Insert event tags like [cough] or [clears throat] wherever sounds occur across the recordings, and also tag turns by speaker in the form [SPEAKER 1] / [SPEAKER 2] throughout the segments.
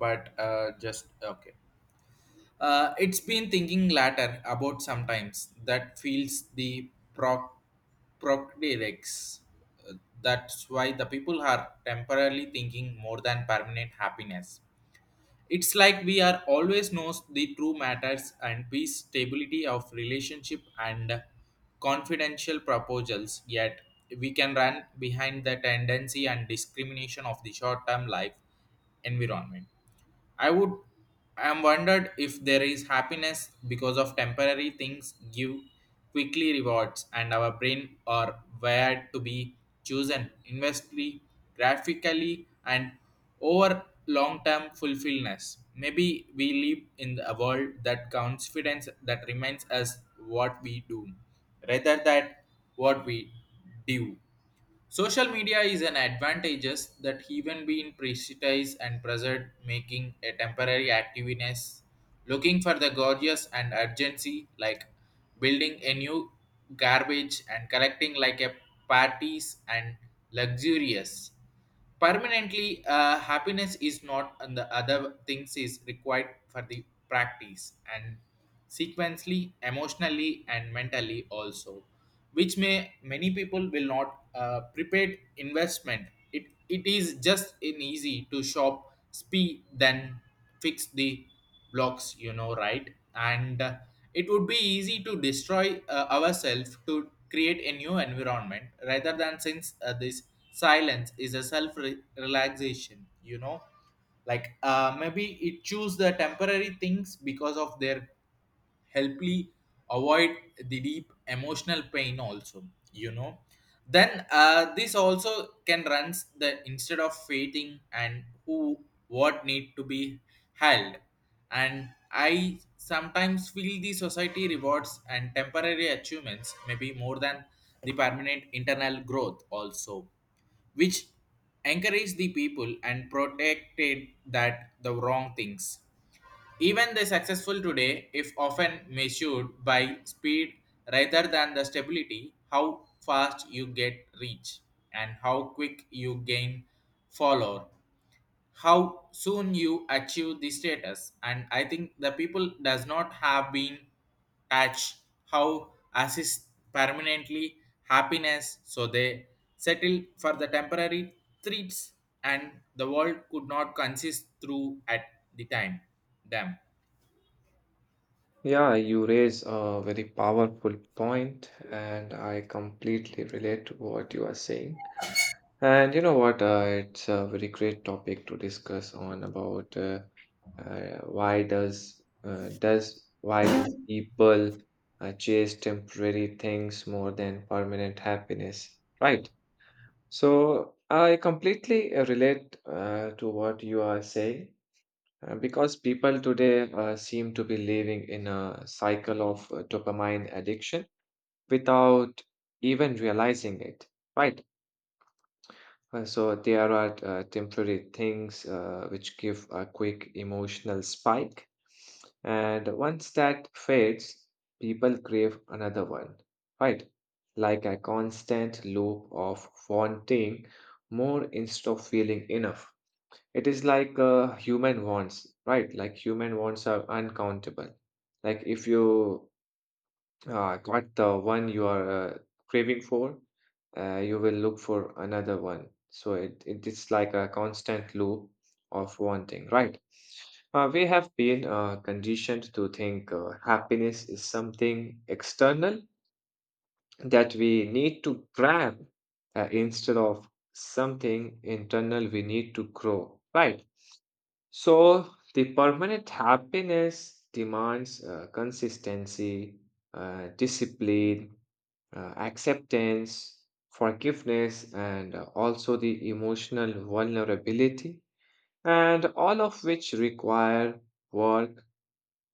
[SPEAKER 1] But just okay. It's been thinking latter about sometimes that feels the proc procreates. Uh, That's why the people are temporarily thinking more than permanent happiness. It's like we are always knows the true matters and peace, stability of relationship and confidential proposals. Yet we can run behind the tendency and discrimination of the short-term life environment. I would I'm wondered if there is happiness because of temporary things give quickly rewards and our brain are wired to be chosen investly, graphically and over long term fulfillment. Maybe we live in a world that confidence that reminds us what we do rather than what we do. Social media is an advantages that even being precise and present making a temporary activeness looking for the gorgeous and urgency like building a new garbage and collecting like a parties and luxurious. Permanently, happiness is not, and the other things is required for the practice and sequentially, emotionally, and mentally also, which may many people will not prepared investment. It is just an easy to shop, speed, than fix the blocks, you know, right and it would be easy to destroy ourselves to create a new environment rather than since this silence is a relaxation, you know, like maybe it choose the temporary things because of their helpfully avoid the deep emotional pain also, you know, then this also can runs the instead of waiting and who what need to be held. And I sometimes feel the society rewards and temporary achievements maybe more than the permanent internal growth also, which encourage the people and protected that the wrong things. Even the successful today, if often measured by speed rather than the stability, how fast you get reach and how quick you gain follower, how soon you achieve the status. And I think the people does not have been touch how assist permanently happiness so they settle for the temporary treats and the world could not consist through at the time them.
[SPEAKER 2] Yeah, you raise a very powerful point, and I completely relate to what you are saying. And you know what? It's a very great topic to discuss on about why does why do people chase temporary things more than permanent happiness, right? So I completely relate to what you are saying. Because people today seem to be living in a cycle of dopamine addiction without even realizing it, right? So there are temporary things which give a quick emotional spike. And once that fades, people crave another one, right? Like a constant loop of wanting more instead of feeling enough. It is like human wants, right? Like human wants are uncountable. Like if you got the one you are craving for, you will look for another one. So it is like a constant loop of wanting, right? We have been conditioned to think happiness is something external that we need to grab instead of something internal we need to grow, right? So, the permanent happiness demands consistency, discipline, acceptance, forgiveness, and also the emotional vulnerability, and all of which require work,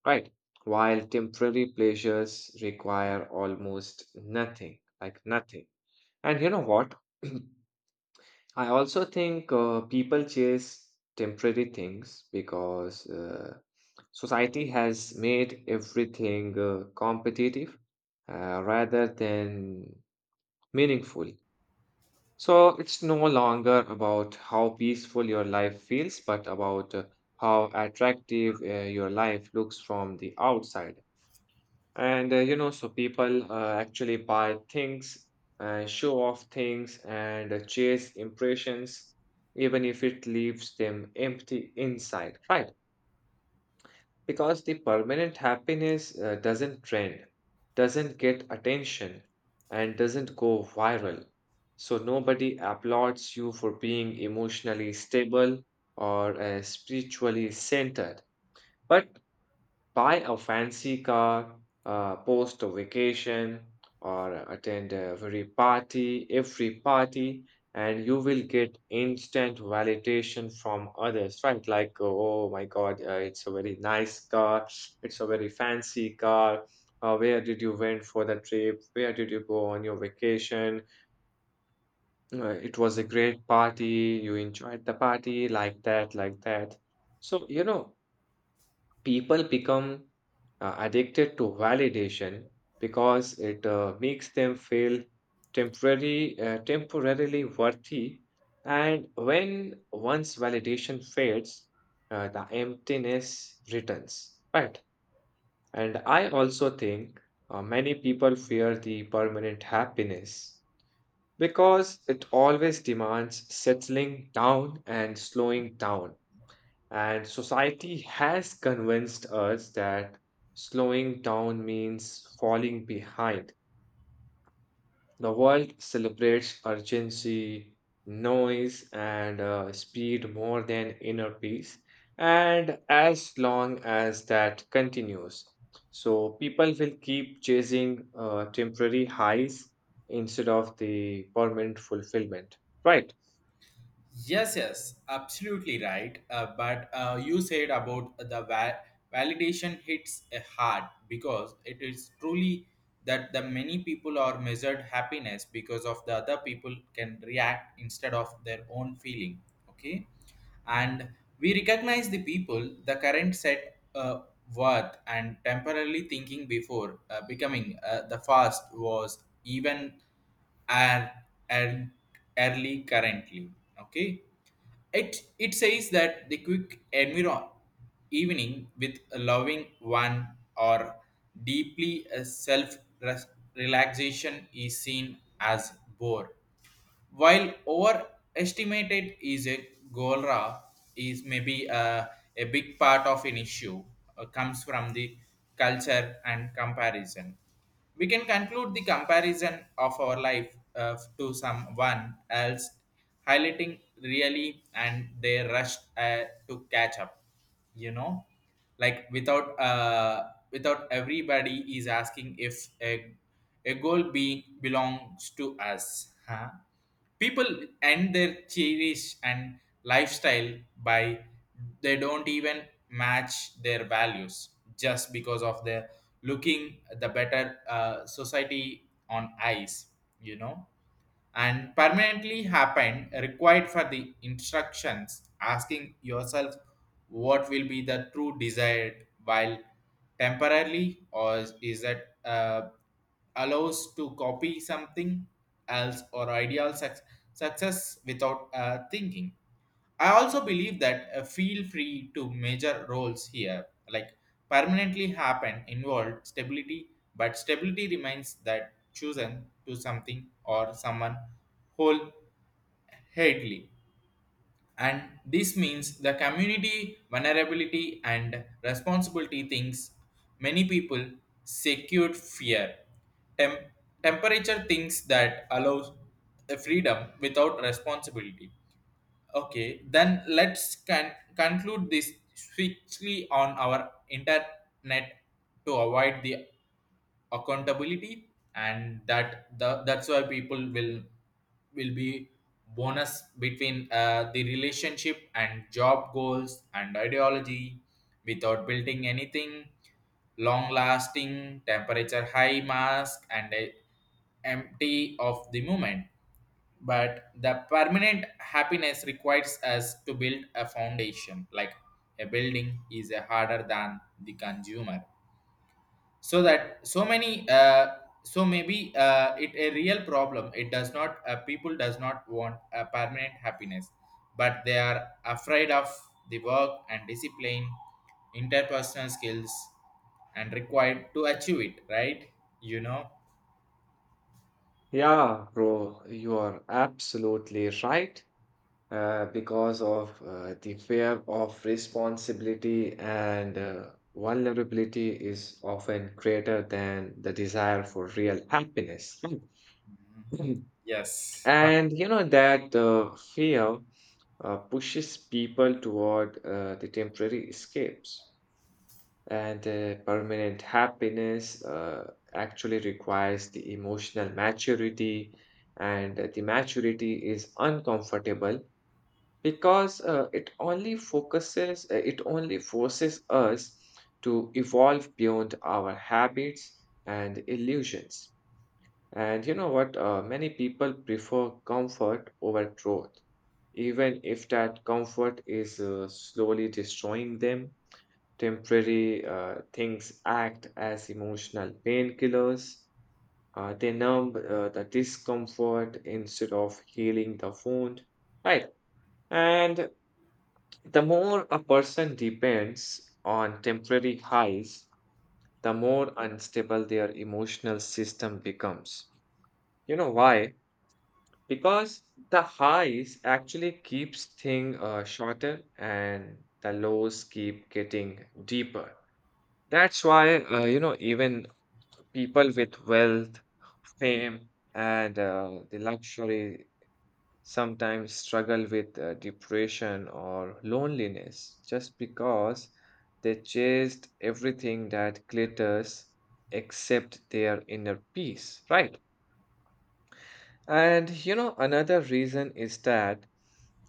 [SPEAKER 2] right? While temporary pleasures require almost nothing, like nothing. And you know what? [clears throat] I also think people chase temporary things because society has made everything competitive rather than meaningful. So it's no longer about how peaceful your life feels, but about how attractive your life looks from the outside. And you know, so people actually buy things, show off things, and chase impressions, even if it leaves them empty inside, right? Because the permanent happiness doesn't trend, doesn't get attention, and doesn't go viral. So nobody applauds you for being emotionally stable or spiritually centered. But buy a fancy car, post a vacation, or attend every party, and you will get instant validation from others, right? Like, oh my God, it's a very nice car, it's a very fancy car. Where did you went for the trip? Where did you go on your vacation? It was a great party. You enjoyed the party, like that, like that. So, you know, people become addicted to validation because it makes them feel temporarily worthy. And when once validation fades, the emptiness returns. Right. And I also think many people fear the permanent happiness because it always demands settling down and slowing down. And society has convinced us that slowing down means falling behind. The world celebrates urgency, noise, and speed more than inner peace. And as long as that continues, so people will keep chasing temporary highs instead of the permanent fulfillment. Right.
[SPEAKER 1] Yes, yes, absolutely right. But you said about the validation hits hard because it is truly that the many people are measured happiness because of the other people can react instead of their own feeling. Okay, and we recognize the people the current set worth and temporarily thinking before becoming the fast was even and and early currently. Okay, it says that the quick environ evening with a loving one or deeply a self relaxation is seen as bore while overestimated is a golra is maybe a big part of an issue comes from the culture and comparison. We can conclude the comparison of our life to someone else, highlighting really and they rush to catch up. You know, like without everybody is asking if a goal being belongs to us. Huh? People end their cherish and lifestyle by they don't even match their values just because of their looking the better society on eyes, you know, and permanently happened required for the instructions asking yourself what will be the true desired while temporarily or is that allows to copy something else or ideal success without thinking. I also believe that feel free to major roles here, like permanently happen involved stability, but stability remains that chosen to something or someone wholeheartedly. And this means the community vulnerability and responsibility things many people secured fear. Tem- Temperature things that allows a freedom without responsibility. Okay, then let's conclude this strictly on our internet to avoid the accountability, and that the that's why people will be bonus between the relationship and job goals and ideology without building anything long lasting temperature high mask and a empty of the moment. But the permanent happiness requires us to build a foundation like a building is harder than the consumer, so that so maybe it a real problem it does not people does not want a permanent happiness, but they are afraid of the work and discipline, interpersonal skills and required to achieve it, right? You know.
[SPEAKER 2] Yeah, bro, you are absolutely right. Because of the fear of responsibility and vulnerability is often greater than the desire for real happiness.
[SPEAKER 1] Mhm.
[SPEAKER 2] Mm. [clears throat]
[SPEAKER 1] Yes. [laughs]
[SPEAKER 2] And you know that fear pushes people toward the temporary escapes. And permanent happiness actually requires the emotional maturity, and the maturity is uncomfortable because it only forces us to evolve beyond our habits and illusions. And you know what? Many people prefer comfort over growth, even if that comfort is slowly destroying them. Temporary things act as emotional painkillers. They numb the discomfort instead of healing the wound, right? And the more a person depends on temporary highs, the more unstable their emotional system becomes. You know why? Because the highs actually keeps things shorter and the lows keep getting deeper. That's why, you know, even people with wealth, fame, and the luxury sometimes struggle with depression or loneliness, just because they chased everything that glitters except their inner peace, right? And you know, another reason is that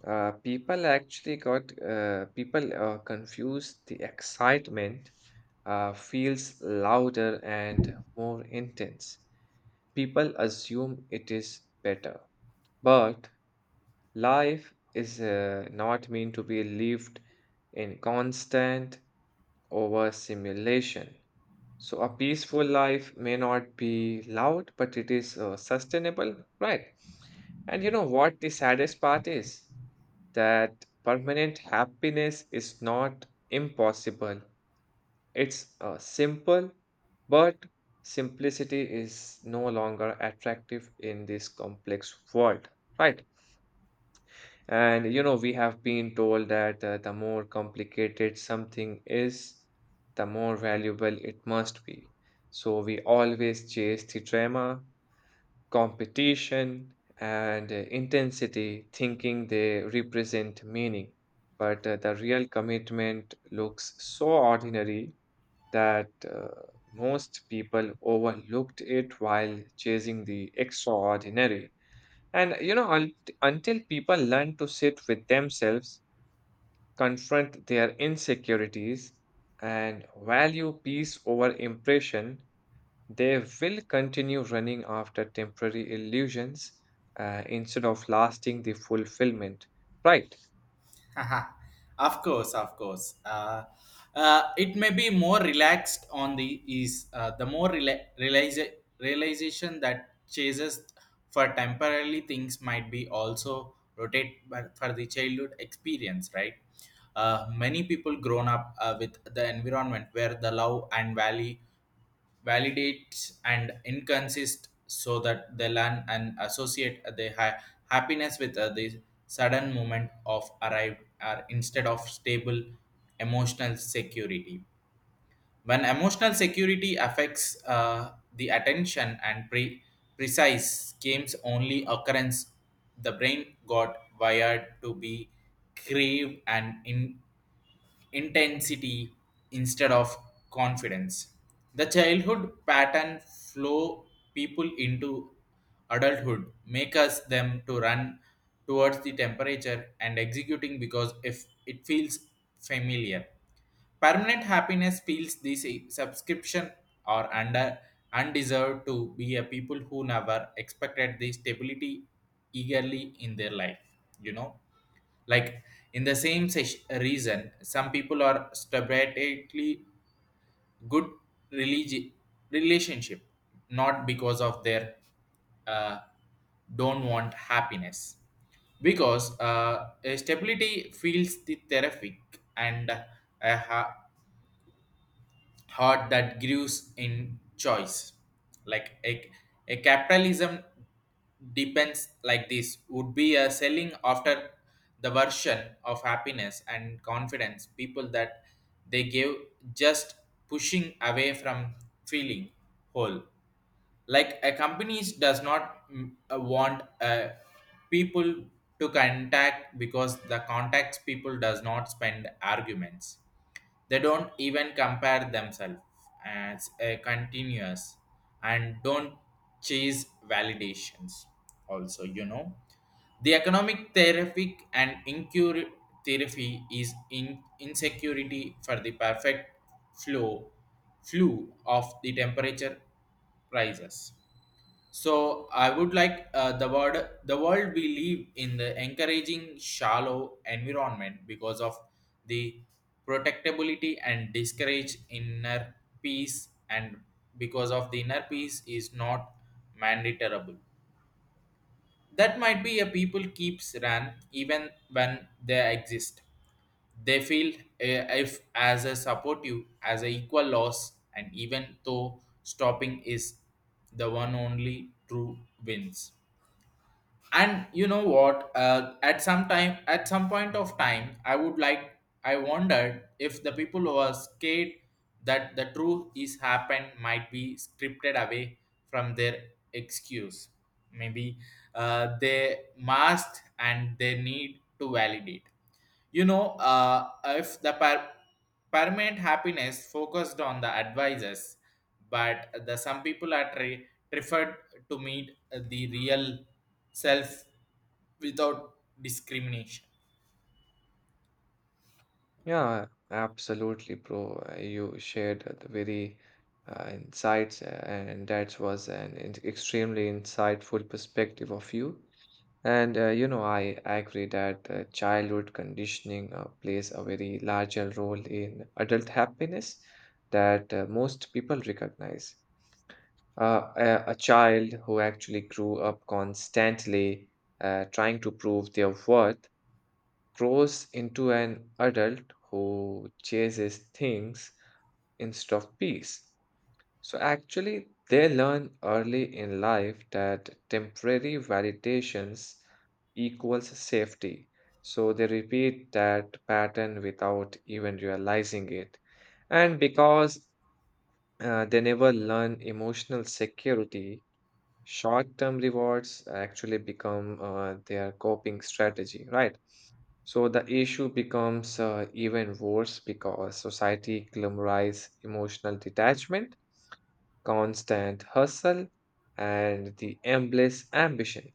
[SPEAKER 2] people actually got people confused the excitement feels louder and more intense. People assume it is better, but life is not meant to be lived in constant overstimulation. So, a peaceful life may not be loud, but it is sustainable, right? And you know what the saddest part is? That permanent happiness is not impossible. It's simple, but simplicity is no longer attractive in this complex world, right? And you know, we have been told that the more complicated something is, the more valuable it must be. So we always chase the drama, competition, and intensity, thinking they represent meaning. But the real commitment looks so ordinary that most people overlooked it while chasing the extraordinary. And you know, until people learn to sit with themselves, confront their insecurities, and value peace over impression, they will continue running after temporary illusions instead of lasting the fulfillment. Right.
[SPEAKER 1] [laughs] Haha. Of course, of course. It may be more relaxed on the is the more realization that chases for temporarily things might be also rotate but for the childhood experience, right? Many people grown up with the environment where the love and valley validates and inconsist so that they learn and associate their happiness with the sudden moment of arrived are instead of stable emotional security when emotional security affects the attention and precise games only occurrence the brain got wired to be crave and in intensity instead of confidence. The childhood pattern flow people into adulthood, make us them to run towards the temperature and executing because if it feels familiar. Permanent happiness feels this subscription or under undeserved to be a people who never expected the stability eagerly in their life, you know. Like in the same reason, some people are stubbornly good religi- relationship, not because of their uh, don't want happiness, because a stability feels the therapeutic and uh, heart that grows in choice. Like a capitalism depends like this would be a selling after the version of happiness and confidence people that they give just pushing away from feeling whole, like a companies does not want people to contact because the contacts people does not spend arguments, they don't even compare themselves as a continuous and don't chase validations. Also, you know, the economic therapy and incur therapy is in insecurity for the perfect flow, flow of the temperature prices. So I would like the world we live in the encouraging shallow environment because of the protectability and discourage inner peace and because of the inner peace is not mandatorable. That might be a people keeps ran even when they exist. They feel if as a supportive as a equal loss and even though stopping is the one only true wins. And you know what at some time at some point of time I would like I wondered if the people who are scared that the truth is happened might be scripted away from their excuse. Maybe they must and they need to validate, you know. If the permanent happiness focused on the advisors, but the some people are preferred to meet the real self without discrimination.
[SPEAKER 2] Yeah, absolutely, bro. You shared the very insights, and that was an extremely insightful perspective of you. And you know, I agree that childhood conditioning plays a very larger role in adult happiness that most people recognize. A child who actually grew up constantly trying to prove their worth grows into an adult who chases things instead of peace. So actually, they learn early in life that temporary validations equals safety. So they repeat that pattern without even realizing it. And because they never learn emotional security, short term rewards actually become their coping strategy, right? So the issue becomes even worse because society glamorizes emotional detachment, constant hustle, and the endless ambition.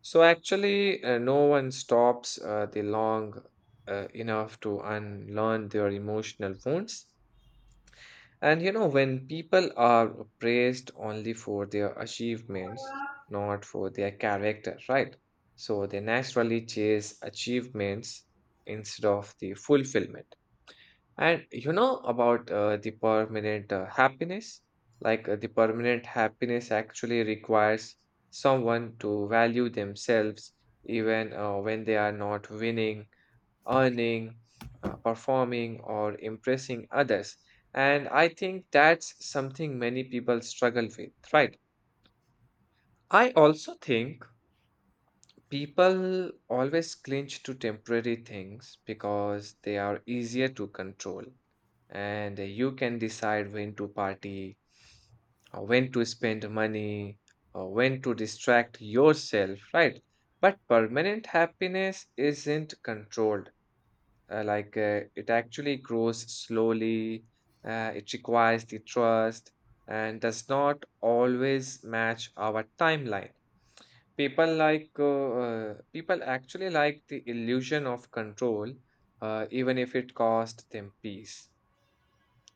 [SPEAKER 2] So actually, no one stops the long enough to unlearn their emotional wounds. And you know, when people are praised only for their achievements, not for their character, right? So they naturally chase achievements instead of the fulfillment. And you know about the permanent happiness? Like the permanent happiness actually requires someone to value themselves even when they are not winning, earning, performing, or impressing others. And I think that's something many people struggle with, right? I also think people always clinch to temporary things because they are easier to control, and you can decide when to party, when to spend money, or when to distract yourself, right? But permanent happiness isn't controlled. Like it actually grows slowly, it requires the trust, and does not always match our timeline. People actually like the illusion of control even if it cost them peace.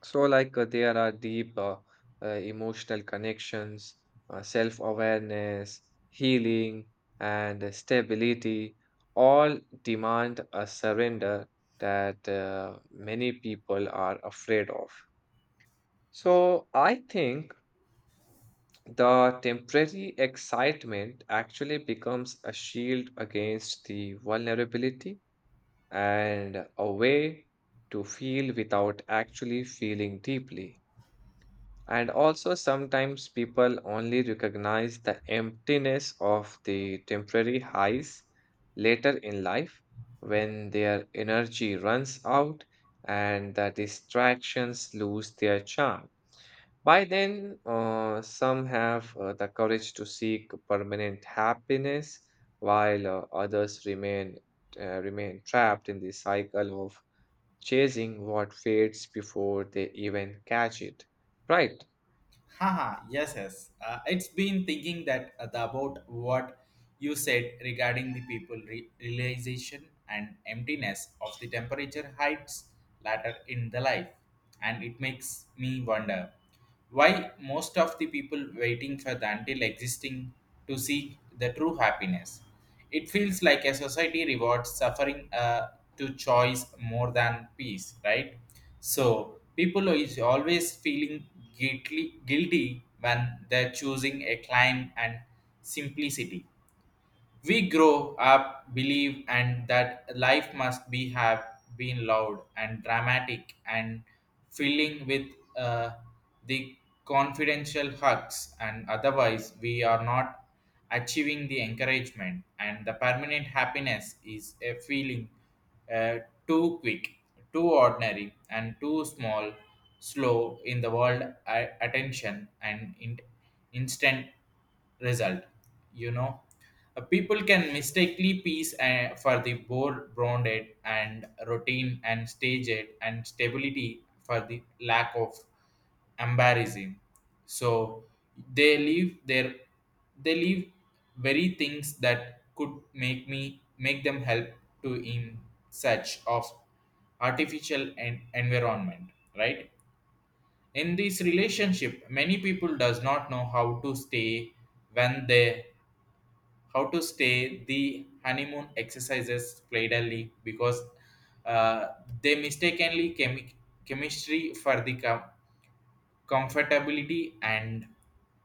[SPEAKER 2] There are deep emotional connections, self-awareness, healing, and stability, all demand a surrender that many people are afraid of. So I think the temporary excitement actually becomes a shield against the vulnerability, and a way to feel without actually feeling deeply. And also, sometimes people only recognize the emptiness of the temporary highs later in life when their energy runs out and the distractions lose their charm. By then, some have the courage to seek permanent happiness, while others remain remain trapped in the cycle of chasing what fades before they even catch it. Right?
[SPEAKER 1] Haha, yes, yes. It's been thinking that about what you said regarding the people realization and emptiness of the temperature heights later in the life, and it makes me wonder why most of the people waiting for the until existing to seek the true happiness. It feels like a society rewards suffering to choice more than peace, right? So people is always feeling guilty when they're choosing a climb and simplicity. We grow up believe and that life must be have been loud and dramatic and filling with uh, the confidential hugs and otherwise we are not achieving the encouragement and the permanent happiness is a feeling uh, too quick too ordinary and too small slow in the world attention and instant result, you know. People can mistakenly peace for the more grounded and routine and staged and stability for the lack of embarrassing, so they leave their they leave very things that could make me make them help to in search of artificial environment, right? In this relationship many people does not know how to stay when they how to stay the honeymoon exercises playedly because uh, they mistakenly chemistry for the comfortability and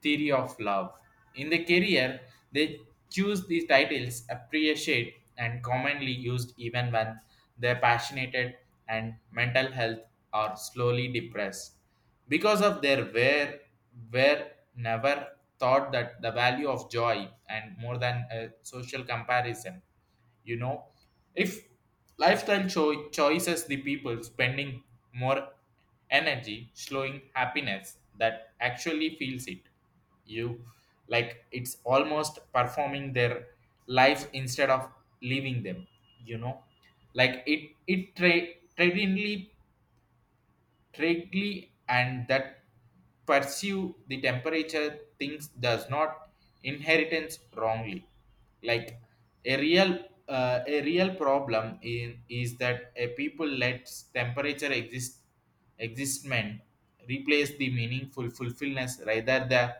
[SPEAKER 1] theory of love. In the career, they choose these titles appreciated and commonly used even when they're passionate and mental health are slowly depressed. Because of their wear, were never thought that the value of joy and more than a social comparison, you know. If lifestyle choices the people spending more energy slowing happiness that actually feels it, you, like it's almost performing their life instead of leaving them, you know. Like traditionally strictly, and that pursue the temperature things does not inheritance wrongly, like a real problem in is that a people lets temperature exist existment replace the meaningful fulfillment rather than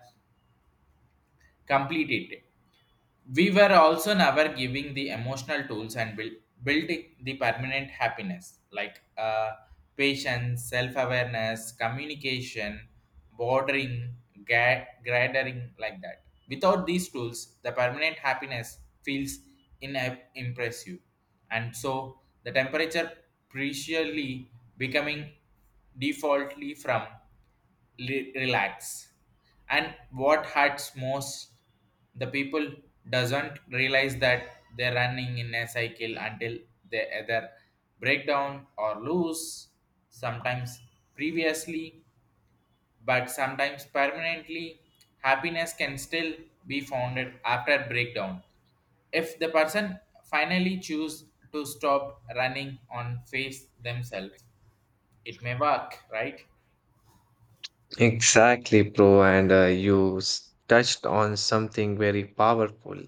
[SPEAKER 1] complete it. We were also never giving the emotional tools and built the permanent happiness like patience, self awareness, communication, bordering, gathering, like that. Without these tools, the permanent happiness feels inimpressive. And so the temperature preciously becoming defaultly from relax, and what hurts most, the people doesn't realize that they're running in a cycle until they either break down or lose, sometimes previously but sometimes permanently. Happiness can still be founded after breakdown if the person finally choose to stop running on face themselves. It may work, right?
[SPEAKER 2] Exactly, bro. And you touched on something very powerful,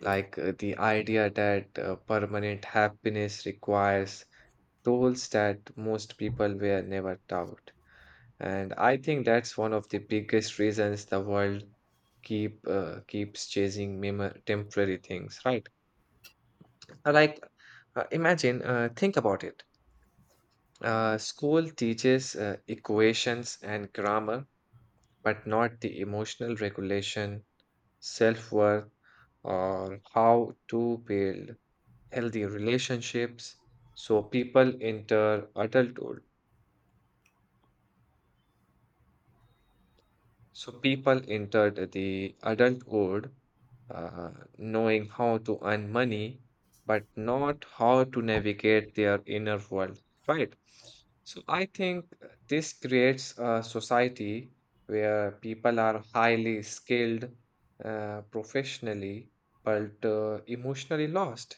[SPEAKER 2] like the idea that permanent happiness requires tools that most people were never taught. And I think that's one of the biggest reasons the world keeps chasing temporary things, right? Uh, Like imagine, think about it. School teaches equations and grammar, but not the emotional regulation, self-worth, or how to build healthy relationships. So people enter adulthood So people entered the adult world, uh, knowing how to earn money, but not how to navigate their inner world, right? So I think this creates a society where people are highly skilled professionally, but emotionally lost.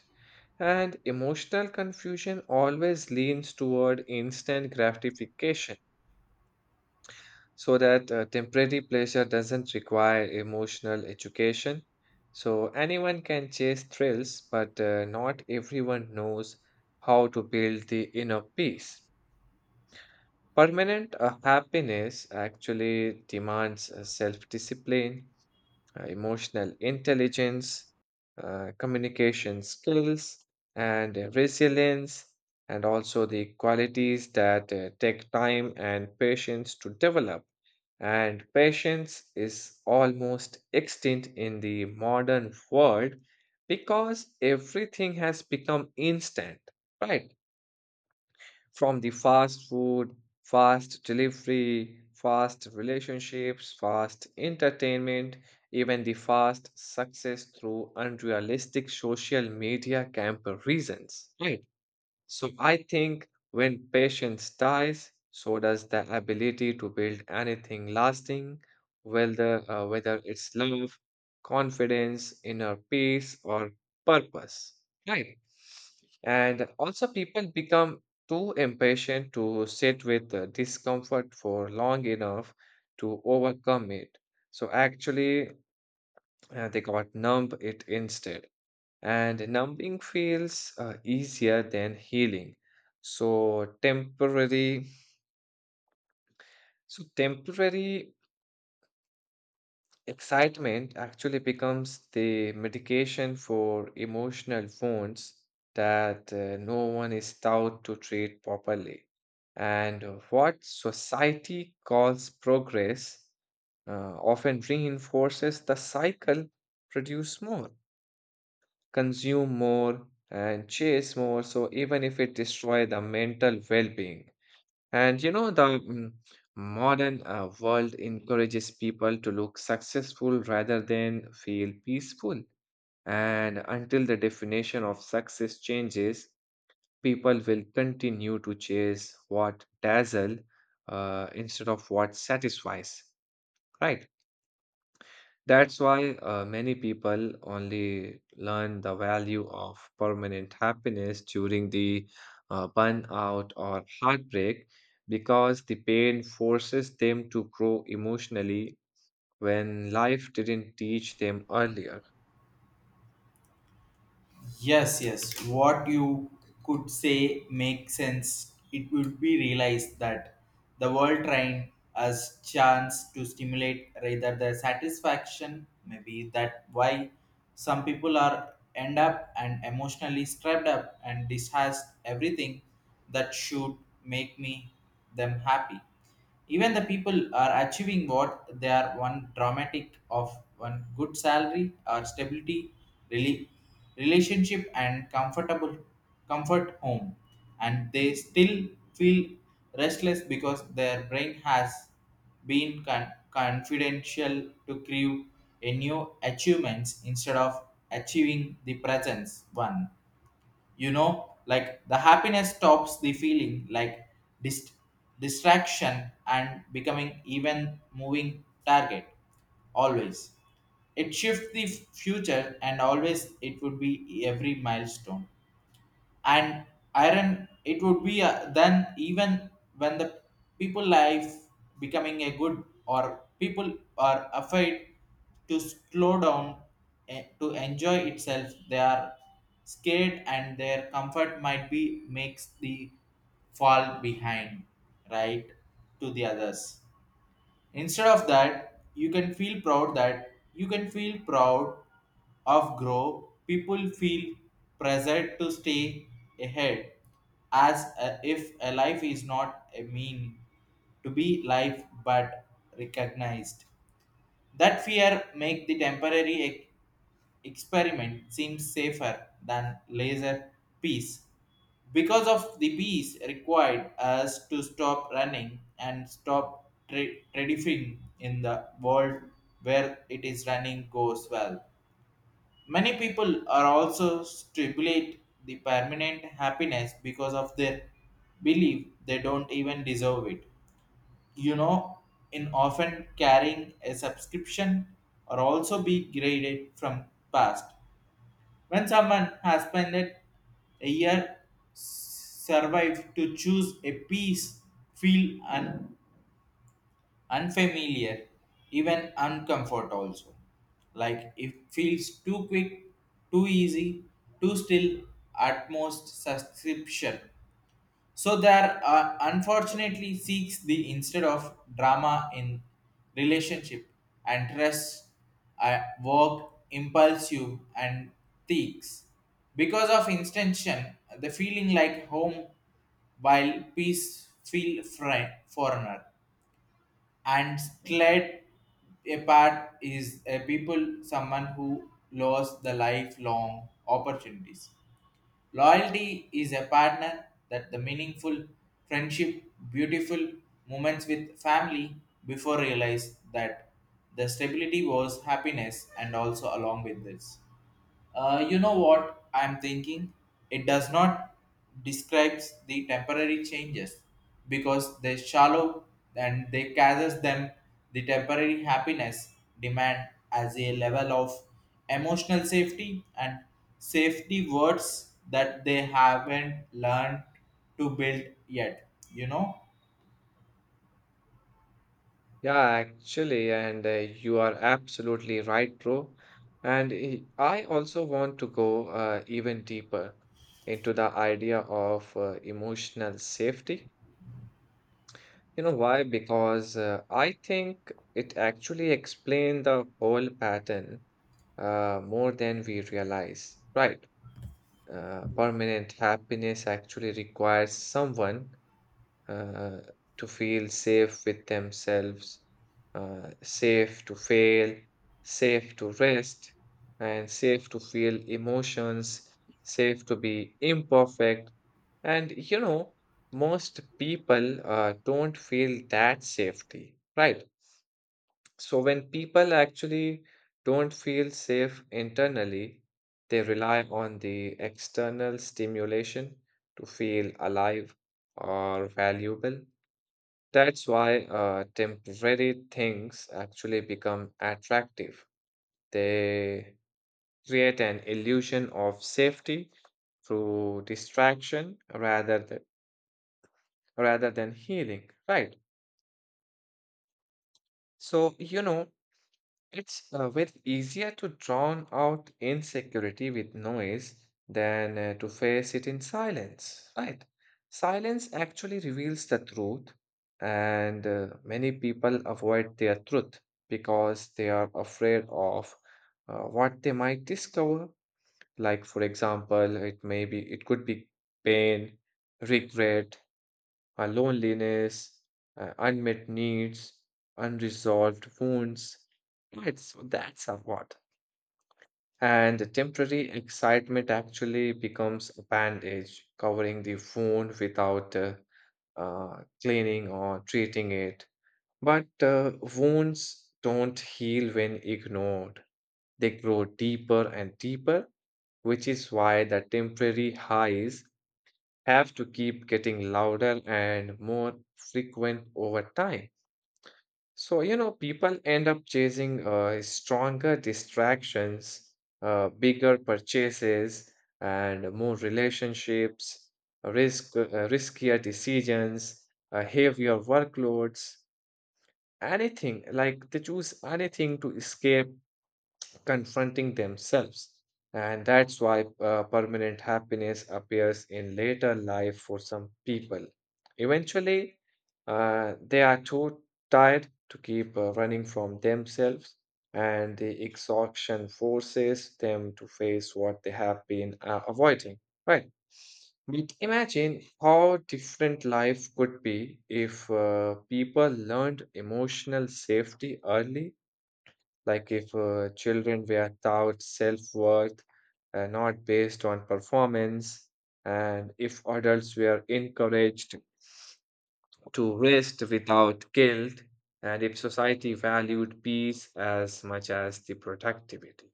[SPEAKER 2] And emotional confusion always leans toward instant gratification, so that temporary pleasure doesn't require emotional education. So anyone can chase thrills, but not everyone knows how to build the inner peace. Permanent happiness actually demands self discipline, emotional intelligence, communication skills, and resilience, and also the qualities that take time and patience to develop. And patience is almost extinct in the modern world because everything has become instant, right? From the fast food, fast delivery, fast relationships, fast entertainment, even the fast success through unrealistic social media camp reasons, right? So I think when patience dies, so does the ability to build anything lasting, whether whether it's love, confidence, inner peace, or purpose. Right. And also, people become too impatient to sit with the discomfort for long enough to overcome it. So actually, they got numb it instead, and numbing feels easier than healing. So temporary excitement actually becomes the medication for emotional wounds that no one is taught to treat properly. And what society calls progress often reinforces the cycle: produce more, consume more, and chase more, so even if it destroy the mental well-being. And you know, the modern world encourages people to look successful rather than feel peaceful. And until the definition of success changes, people will continue to chase what dazzle instead of what satisfies, right? That's why many people only learn the value of permanent happiness during the burnout or heartbreak, because the pain forces them to grow emotionally when life didn't teach them earlier.
[SPEAKER 1] Yes, yes. What you could say makes sense. It would be realized that the world trained us chance to stimulate rather the satisfaction. Maybe that why some people are end up and emotionally strapped up and distrust everything that should make me them happy. Even the people are achieving what they are one dramatic of one good salary or stability, really, relationship and comfort home, and they still feel restless because their brain has been confidential to crave a new achievements instead of achieving the presence one. You know, like the happiness stops the feeling like dist- distraction and becoming even moving target always. It shifts the future, and always it would be every milestone, and iron it would be then. Even when the people life becoming a good or people are afraid to slow down, to enjoy itself, they are scared and their comfort might be makes the fall behind, right, to the others. Instead of that, you can feel proud that you can feel proud of grow. People feel pressured to stay ahead as if a life is not a mean to be life but recognized. That fear make the temporary experiment seem safer than laser peace, because of the peace required us to stop running and stop trading in the world where it is running goes well. Many people are also stimulate the permanent happiness because of their belief they don't even deserve it. You know, in often carrying a subscription or also be graded from past. When someone has spent a year survived to choose a piece feel unfamiliar, even uncomfort also. Like it feels too quick, too easy, too still at most subscription. So there are unfortunately seeks the instead of drama in relationship and trust, at work, impulsive and thieves. Because of intention, the feeling like home while peace feel foreigner and sled apart is a people someone who lost the lifelong opportunities. Loyalty is a partner that the meaningful friendship, beautiful moments with family before realize that the stability was happiness and also along with this. You know what I'm thinking? It does not describes the temporary changes because they shallow and they gathers them. The temporary happiness demand as a level of emotional safety and safety words that they haven't learned to build yet. You know?
[SPEAKER 2] Yeah, actually, and you are absolutely right, bro. And I also want to go even deeper into the idea of emotional safety. You know why? Because I think it actually explained the whole pattern more than we realize. Right. Permanent happiness actually requires someone uh, to feel safe with themselves, safe to fail, safe to rest, and safe to feel emotions, safe to be imperfect. And you know, most people don't feel that safety, right? So when people actually don't feel safe internally, they rely on the external stimulation to feel alive or valuable. That's why temporary things actually become attractive. They create an illusion of safety through distraction rather than healing, right? So, you know, it's way easier to drown out insecurity with noise than to face it in silence, right? Silence actually reveals the truth, and many people avoid their truth because they are afraid of what they might discover. Like, for example, it could be pain, regret, loneliness, unmet needs, unresolved wounds. It's that's a what. And the temporary excitement actually becomes a bandage covering the wound without cleaning or treating it. But wounds don't heal when ignored. They grow deeper and deeper, which is why the temporary highs have to keep getting louder and more frequent over time. So, you know, people end up chasing stronger distractions, bigger purchases, and more relationships, riskier decisions, heavier workloads, anything. Like they choose anything to escape confronting themselves. And that's why permanent happiness appears in later life for some people. Eventually, they are too tired to keep running from themselves, and the exhaustion forces them to face what they have been avoiding, right? But imagine how different life could be if people learned emotional safety early, like if children were taught self-worth, not based on performance, and if adults were encouraged to rest without guilt, and if society valued peace as much as the productivity.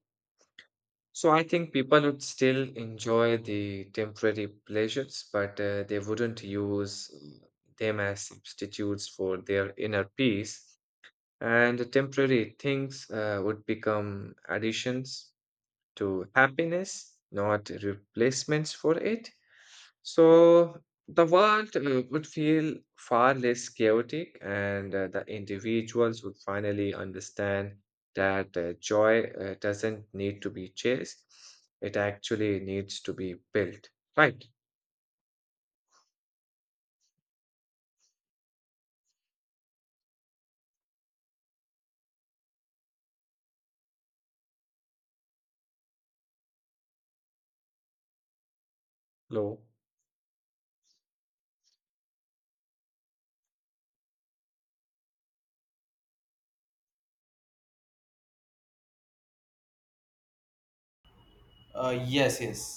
[SPEAKER 2] So I think people would still enjoy the temporary pleasures, but they wouldn't use them as substitutes for their inner peace, and the temporary things would become additions to happiness, not replacements for it. So the world would feel far less chaotic, and the individuals would finally understand that joy doesn't need to be chased, it actually needs to be built. Right, Lo.
[SPEAKER 1] Yes, yes.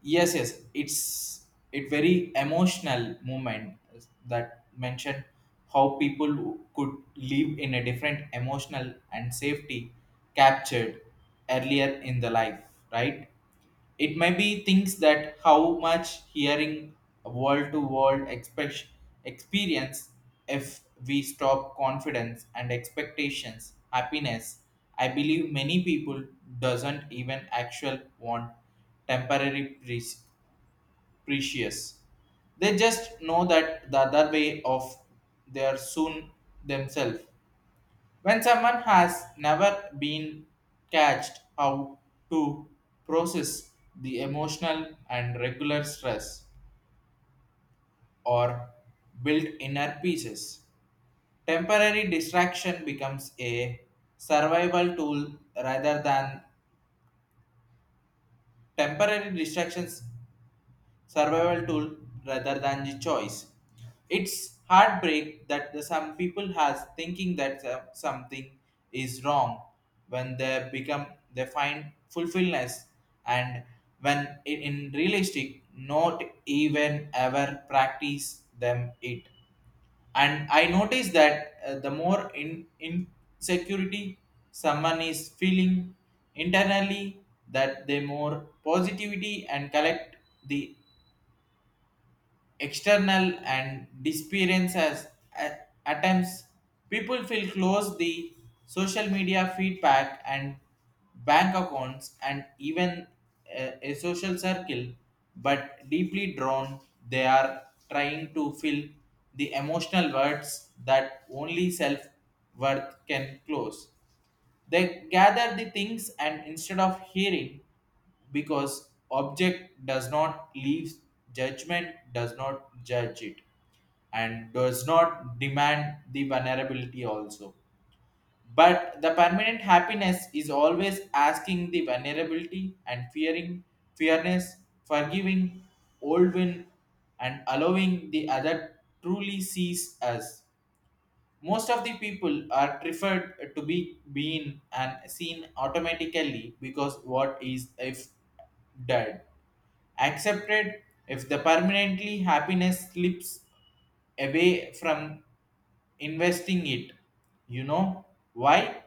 [SPEAKER 1] Yes, yes. It's, it very emotional moment that mentioned how people could live in a different emotional and safety captured earlier in the life, right? It may be things that how much hearing world to world experience. If we stop confidence and expectations happiness, I believe many people doesn't even actual want temporary peace precious. They just know that the other way of their soon themselves. When someone has never been catched how to process the emotional and regular stress or build inner pieces, temporary distraction becomes a survival tool rather than temporary distractions survival tool rather than the choice. It's heartbreak that the, some people has thinking that something is wrong when they become they find fulfillment and when in realistic not even ever practice them it. And I notice that the more in insecurity someone is feeling internally, that they more positivity and collect the external and experience as at times. People feel close the social media feedback and bank accounts and even a social circle, but deeply drawn they are trying to fill the emotional words that only self worth can close. They gather the things and instead of hearing, because object does not leave judgment, does not judge it, and does not demand the vulnerability also. But the permanent happiness is always asking the vulnerability and fearing fairness, forgiving old win, and allowing the other truly sees us. Most of the people are preferred to be being and seen automatically because what is if dead accepted, if the permanently happiness slips away from investing it. You know why?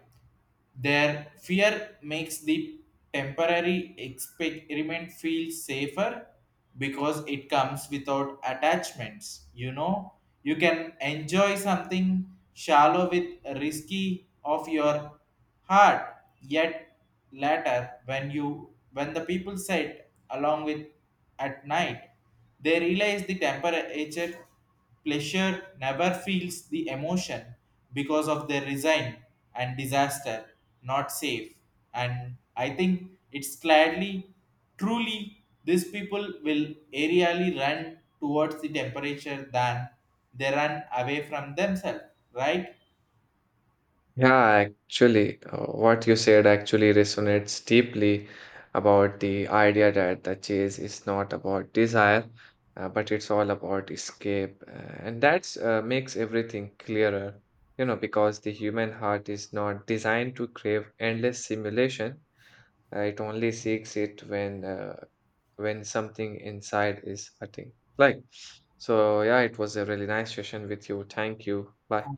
[SPEAKER 1] Their fear makes the temporary experiment feel safer because it comes without attachments. You know, you can enjoy something shallow with risky of your heart. Yet later, when you when the people sit along with at night, they realize the temperature pleasure never feels the emotion because of their resign and disaster, not safe. And I think it's clearly, truly, these people will aerially run towards the temperature than they run away from themselves, right?
[SPEAKER 2] Yeah, actually, what you said actually resonates deeply about the idea that the chase is not about desire, but it's all about escape. And that's makes everything clearer, you know, because the human heart is not designed to crave endless simulation. It only seeks it when something inside is hurting. Like, so yeah, it was a really nice session with you. Thank you. Bye.